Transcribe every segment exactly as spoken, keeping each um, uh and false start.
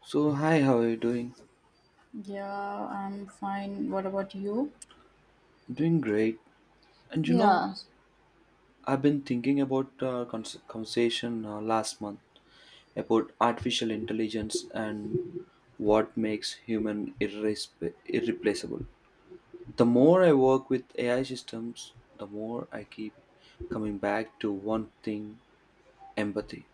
So, hi, how are you doing? Yeah, I'm fine. What about you? Doing great. And you know, Yeah, I've been thinking about uh, cons- conversation uh, last month about artificial intelligence and what makes human irresp- irreplaceable. The more I work with A I systems, the more I keep coming back to one thing: empathy.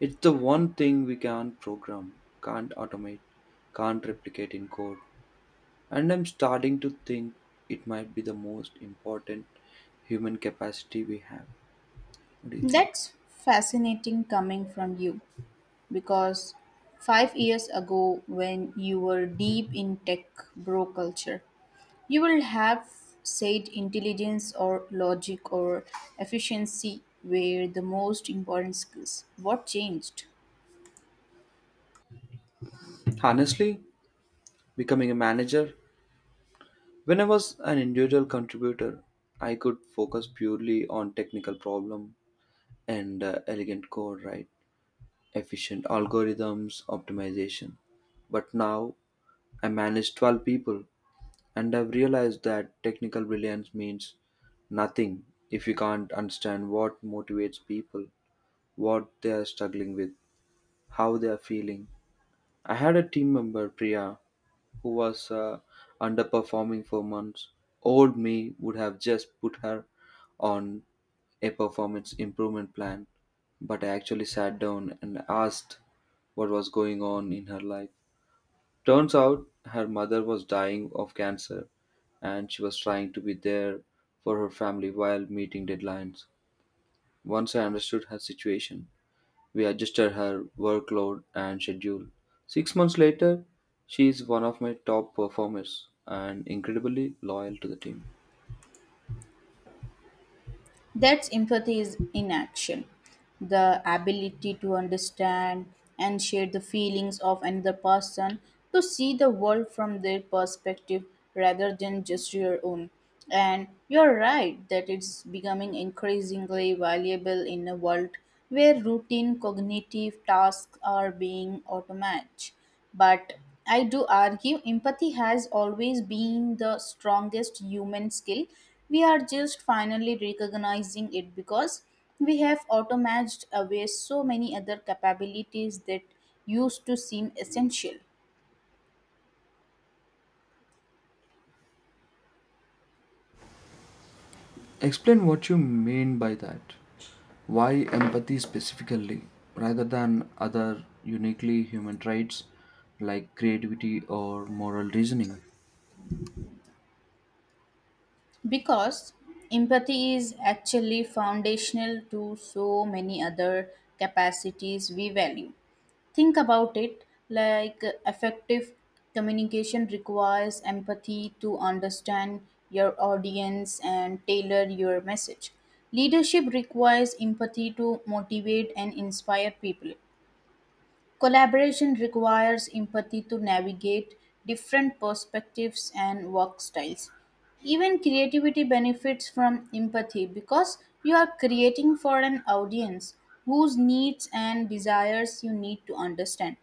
It's the one thing we can't program, can't automate, can't replicate in code. And I'm starting to think it might be the most important human capacity we have. What do you think? that's fascinating coming from you because five years ago, when you were deep in tech bro culture, you will have said intelligence or logic or efficiency were the most important skills. What changed? Honestly, becoming a manager, when I was an individual contributor, I could focus purely on technical problem and uh, elegant code, right? Efficient algorithms, optimization. But now I manage twelve people and I've realized that technical brilliance means nothing if you can't understand what motivates people, what they are struggling with, how they are feeling. I had a team member, Priya, who was uh, underperforming for months. Old me would have just put her on a performance improvement plan, but I actually sat down and asked what was going on in her life. Turns out her mother was dying of cancer and she was trying to be there for her family while meeting deadlines. Once I understood her situation, we adjusted her workload and schedule. Six months later, she is one of my top performers and incredibly loyal to the team. That's empathy is in action. The ability to understand and share the feelings of another person, to see the world from their perspective rather than just your own. And you're right that it's becoming increasingly valuable in a world where routine cognitive tasks are being automated. But I do argue empathy has always been the strongest human skill. We are just finally recognizing it because we have automated away so many other capabilities that used to seem essential. Explain what you mean by that. Why empathy specifically, rather than other uniquely human traits like creativity or moral reasoning? Because empathy is actually foundational to so many other capacities we value. Think about it, like uh, effective communication requires empathy to understand your audience and tailor your message. Leadership requires empathy to motivate and inspire people. Collaboration requires empathy to navigate different perspectives and work styles. Even creativity benefits from empathy because you are creating for an audience whose needs and desires you need to understand.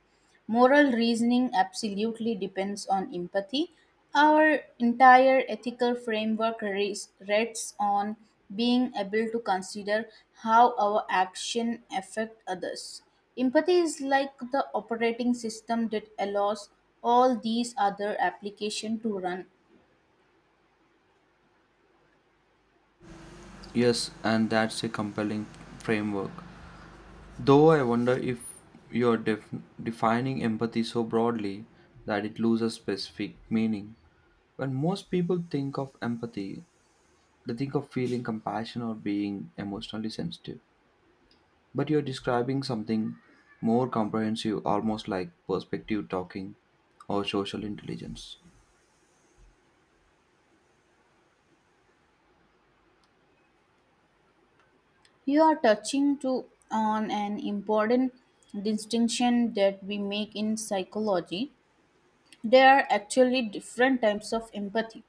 Moral reasoning absolutely depends on empathy. Our entire ethical framework res- rests on being able to consider how our action affect others. Empathy is like the operating system that allows all these other application to run. Yes, and that's a compelling framework. Though I wonder if you're def- defining empathy so broadly that it loses specific meaning. When most people think of empathy, they think of feeling compassion or being emotionally sensitive. But you're describing something more comprehensive, almost like perspective talking or social intelligence. You are touching to on an important distinction that we make in psychology. There are actually different types of empathy.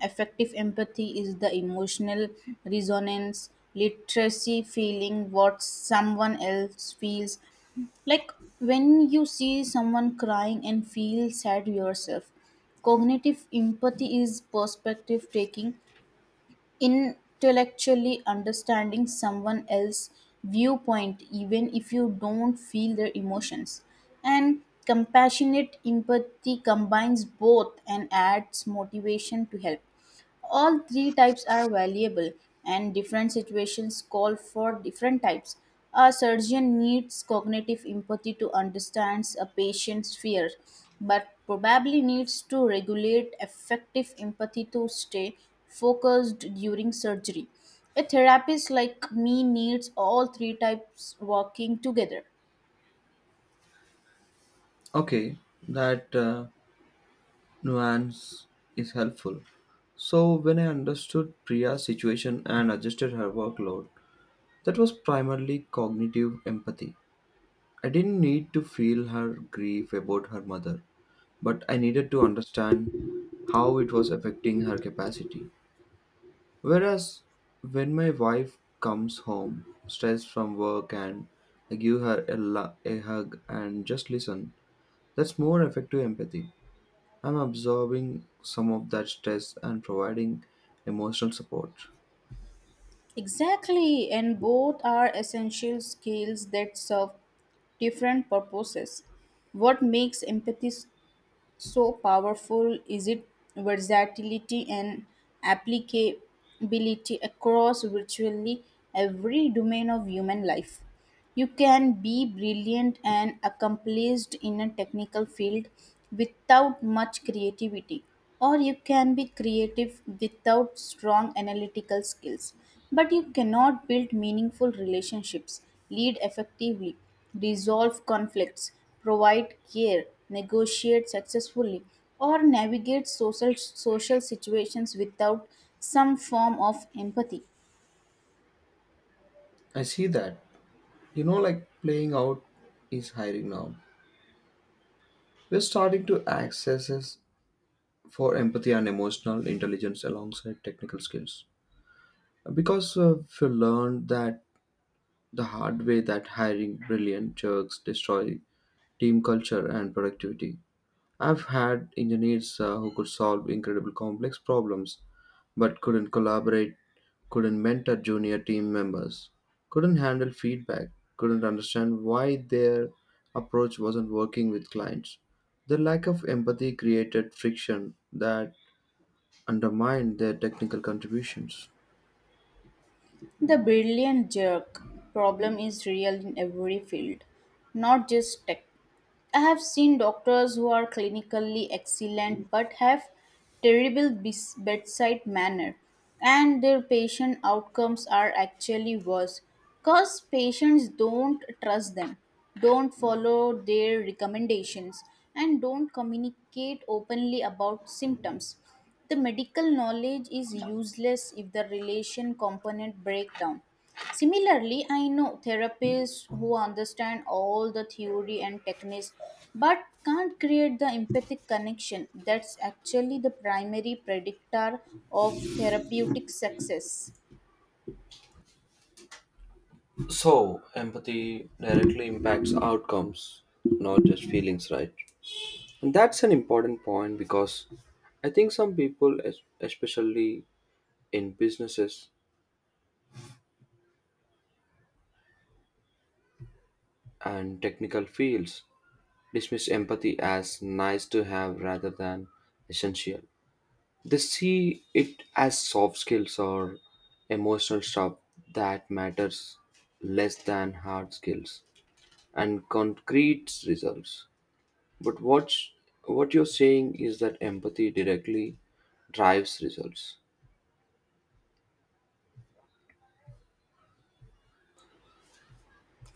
Affective empathy is the emotional resonance, literacy, feeling what someone else feels. Like when you see someone crying and feel sad yourself. Cognitive empathy is perspective taking, intellectually understanding someone else's viewpoint even if you don't feel their emotions. And compassionate empathy combines both and adds motivation to help. All three types are valuable, and different situations call for different types. A surgeon needs cognitive empathy to understand a patient's fear, but probably needs to regulate effective empathy to stay focused during surgery. A therapist like me needs all three types working together. Okay, that uh, nuance is helpful. So, when I understood Priya's situation and adjusted her workload, that was primarily cognitive empathy. I didn't need to feel her grief about her mother, but I needed to understand how it was affecting her capacity. Whereas when my wife comes home, stressed from work, and I give her a, lu- a hug and just listen, that's more effective empathy. I'm absorbing some of that stress and providing emotional support. Exactly, and both are essential skills that serve different purposes. What makes empathy s- so powerful is its versatility and applicability across virtually every domain of human life. You can be brilliant and accomplished in a technical field without much creativity, or you can be creative without strong analytical skills. But you cannot build meaningful relationships, lead effectively, resolve conflicts, provide care, negotiate successfully, or navigate social, social situations without some form of empathy. I see that. You know, like playing out is hiring now. We're starting to access for empathy and emotional intelligence alongside technical skills. Because uh, we learned that the hard way, that hiring brilliant jerks destroy team culture and productivity. I've had engineers uh, who could solve incredible complex problems but couldn't collaborate, couldn't mentor junior team members, couldn't handle feedback, couldn't understand why their approach wasn't working with clients. The lack of empathy created friction that undermined their technical contributions. The brilliant jerk problem is real in every field, not just tech. I have seen doctors who are clinically excellent but have terrible bes- bedside manner, and their patient outcomes are actually worse because patients don't trust them, don't follow their recommendations and don't communicate openly about symptoms. The medical knowledge is useless if the relation component breaks down. Similarly, I know therapists who understand all the theory and techniques but can't create the empathic connection that's actually the primary predictor of therapeutic success. So, empathy directly impacts outcomes, not just feelings, right? And that's an important point because I think some people, es- especially in businesses and technical fields, dismiss empathy as nice to have rather than essential. They see it as soft skills or emotional stuff that matters less than hard skills and concrete results. But what what you're saying is that empathy directly drives results,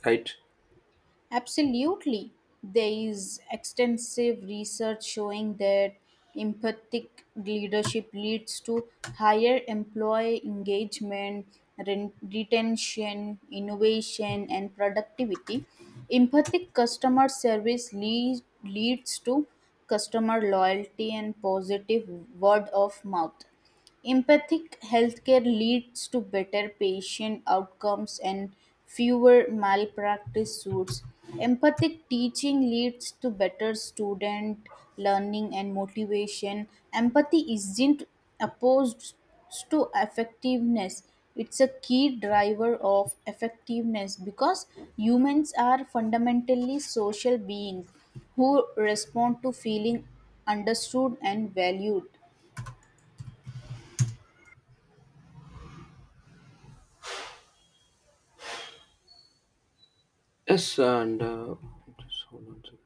right? Absolutely. There is extensive research showing that empathic leadership leads to higher employee engagement, ren- retention, innovation, and productivity. Empathic customer service lead, leads to customer loyalty and positive word of mouth. Empathic healthcare leads to better patient outcomes and fewer malpractice suits. Empathic teaching leads to better student learning and motivation. Empathy isn't opposed to effectiveness, it's a key driver of effectiveness because humans are fundamentally social beings who respond to feeling understood and valued. Yes, and uh, just hold on a second.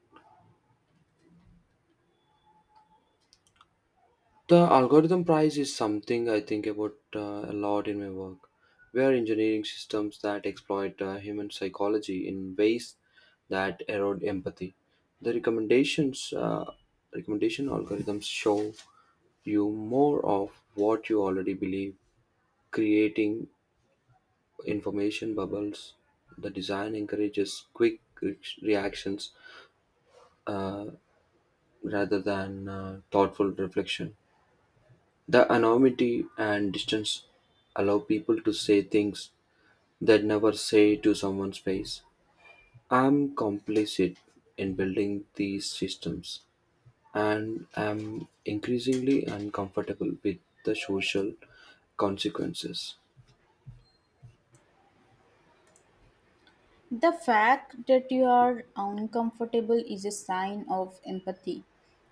The algorithm prize is something I think about uh, a lot in my work. We are engineering systems that exploit uh, human psychology in ways that erode empathy. The recommendations, uh, recommendation algorithms show you more of what you already believe, creating information bubbles. The design encourages quick re- reactions uh, rather than uh, thoughtful reflection. The anonymity and distance allow people to say things they'd never say to someone's face. I'm complicit in building these systems and am increasingly uncomfortable with the social consequences. The fact that you are uncomfortable is a sign of empathy.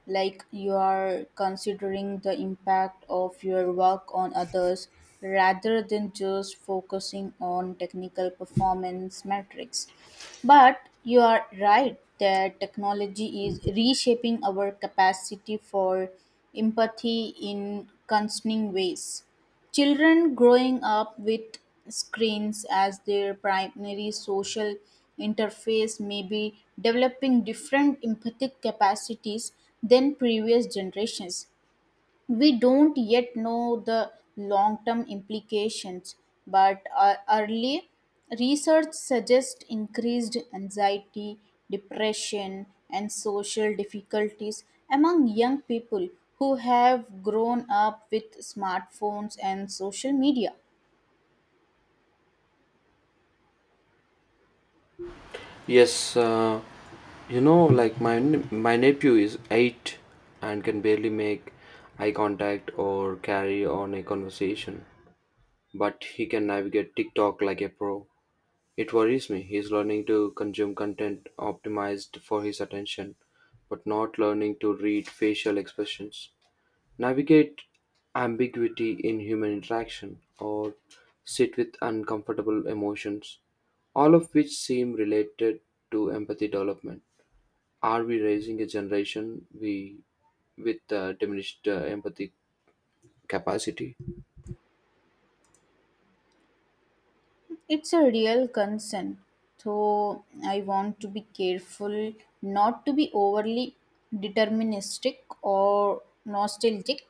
Like you are considering the impact of your work on others rather than just focusing on technical performance metrics. But you are right that technology is reshaping our capacity for empathy in concerning ways. Children growing up with screens as their primary social interface may be developing different empathic capacities than previous generations. We don't yet know the long term implications, but uh, early research suggests increased anxiety, depression, and social difficulties among young people who have grown up with smartphones and social media. Yes, uh, you know, like my n- my nephew is eight and can barely make eye contact or carry on a conversation, but he can navigate TikTok like a pro. It worries me. He's learning to consume content optimized for his attention, but not learning to read facial expressions, navigate ambiguity in human interaction, or sit with uncomfortable emotions, all of which seem related to empathy development. Are we raising a generation we with uh, diminished uh, empathy capacity? It's a real concern, though I want to be careful not to be overly deterministic or nostalgic.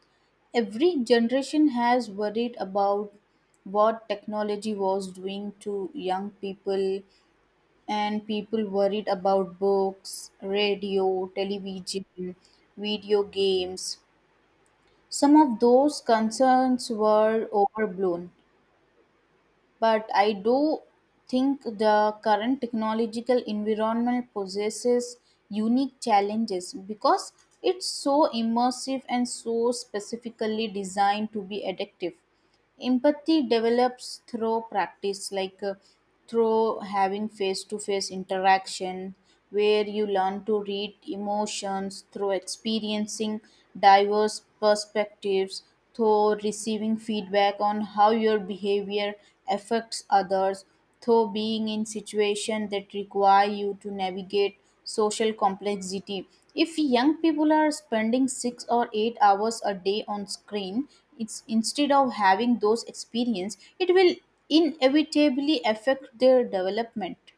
Every generation has worried about what technology was doing to young people, and people worried about books, radio, television, video games. Some of those concerns were overblown, but I do think the current technological environment possesses unique challenges because it's so immersive and so specifically designed to be addictive. Empathy develops through practice, like uh, through having face to face interaction, where you learn to read emotions, through experiencing diverse perspectives, through receiving feedback on how your behavior affects others, through being in situations that require you to navigate social complexity. If young people are spending six or eight hours a day on screen, it's instead of having those experience, it will inevitably affect their development.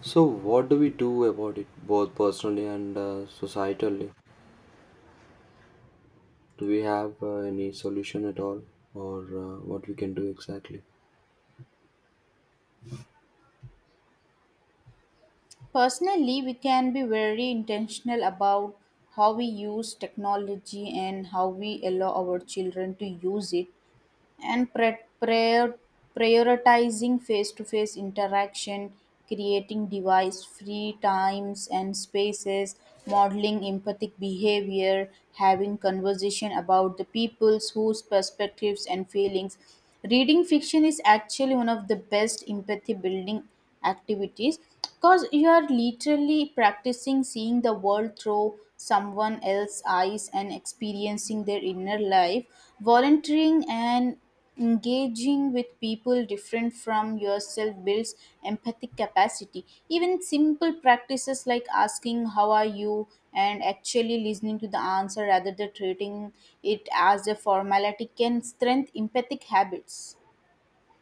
So, what do we do about it, both personally and uh, societally? Do we have uh, any solution at all, or uh, what we can do exactly? Personally, we can be very intentional about how we use technology and how we allow our children to use it, and pre- prior- prioritizing face to face interaction, creating device free times and spaces, modeling empathic behavior, having conversation about the people's whose perspectives and feelings. Reading fiction is actually one of the best empathy building activities because you are literally practicing seeing the world through someone else's eyes and experiencing their inner life. Volunteering and engaging with people different from yourself builds empathic capacity. Even simple practices like asking how are you and actually listening to the answer rather than treating it as a formality can strengthen empathic habits.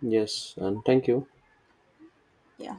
Yes, and thank you. Yeah.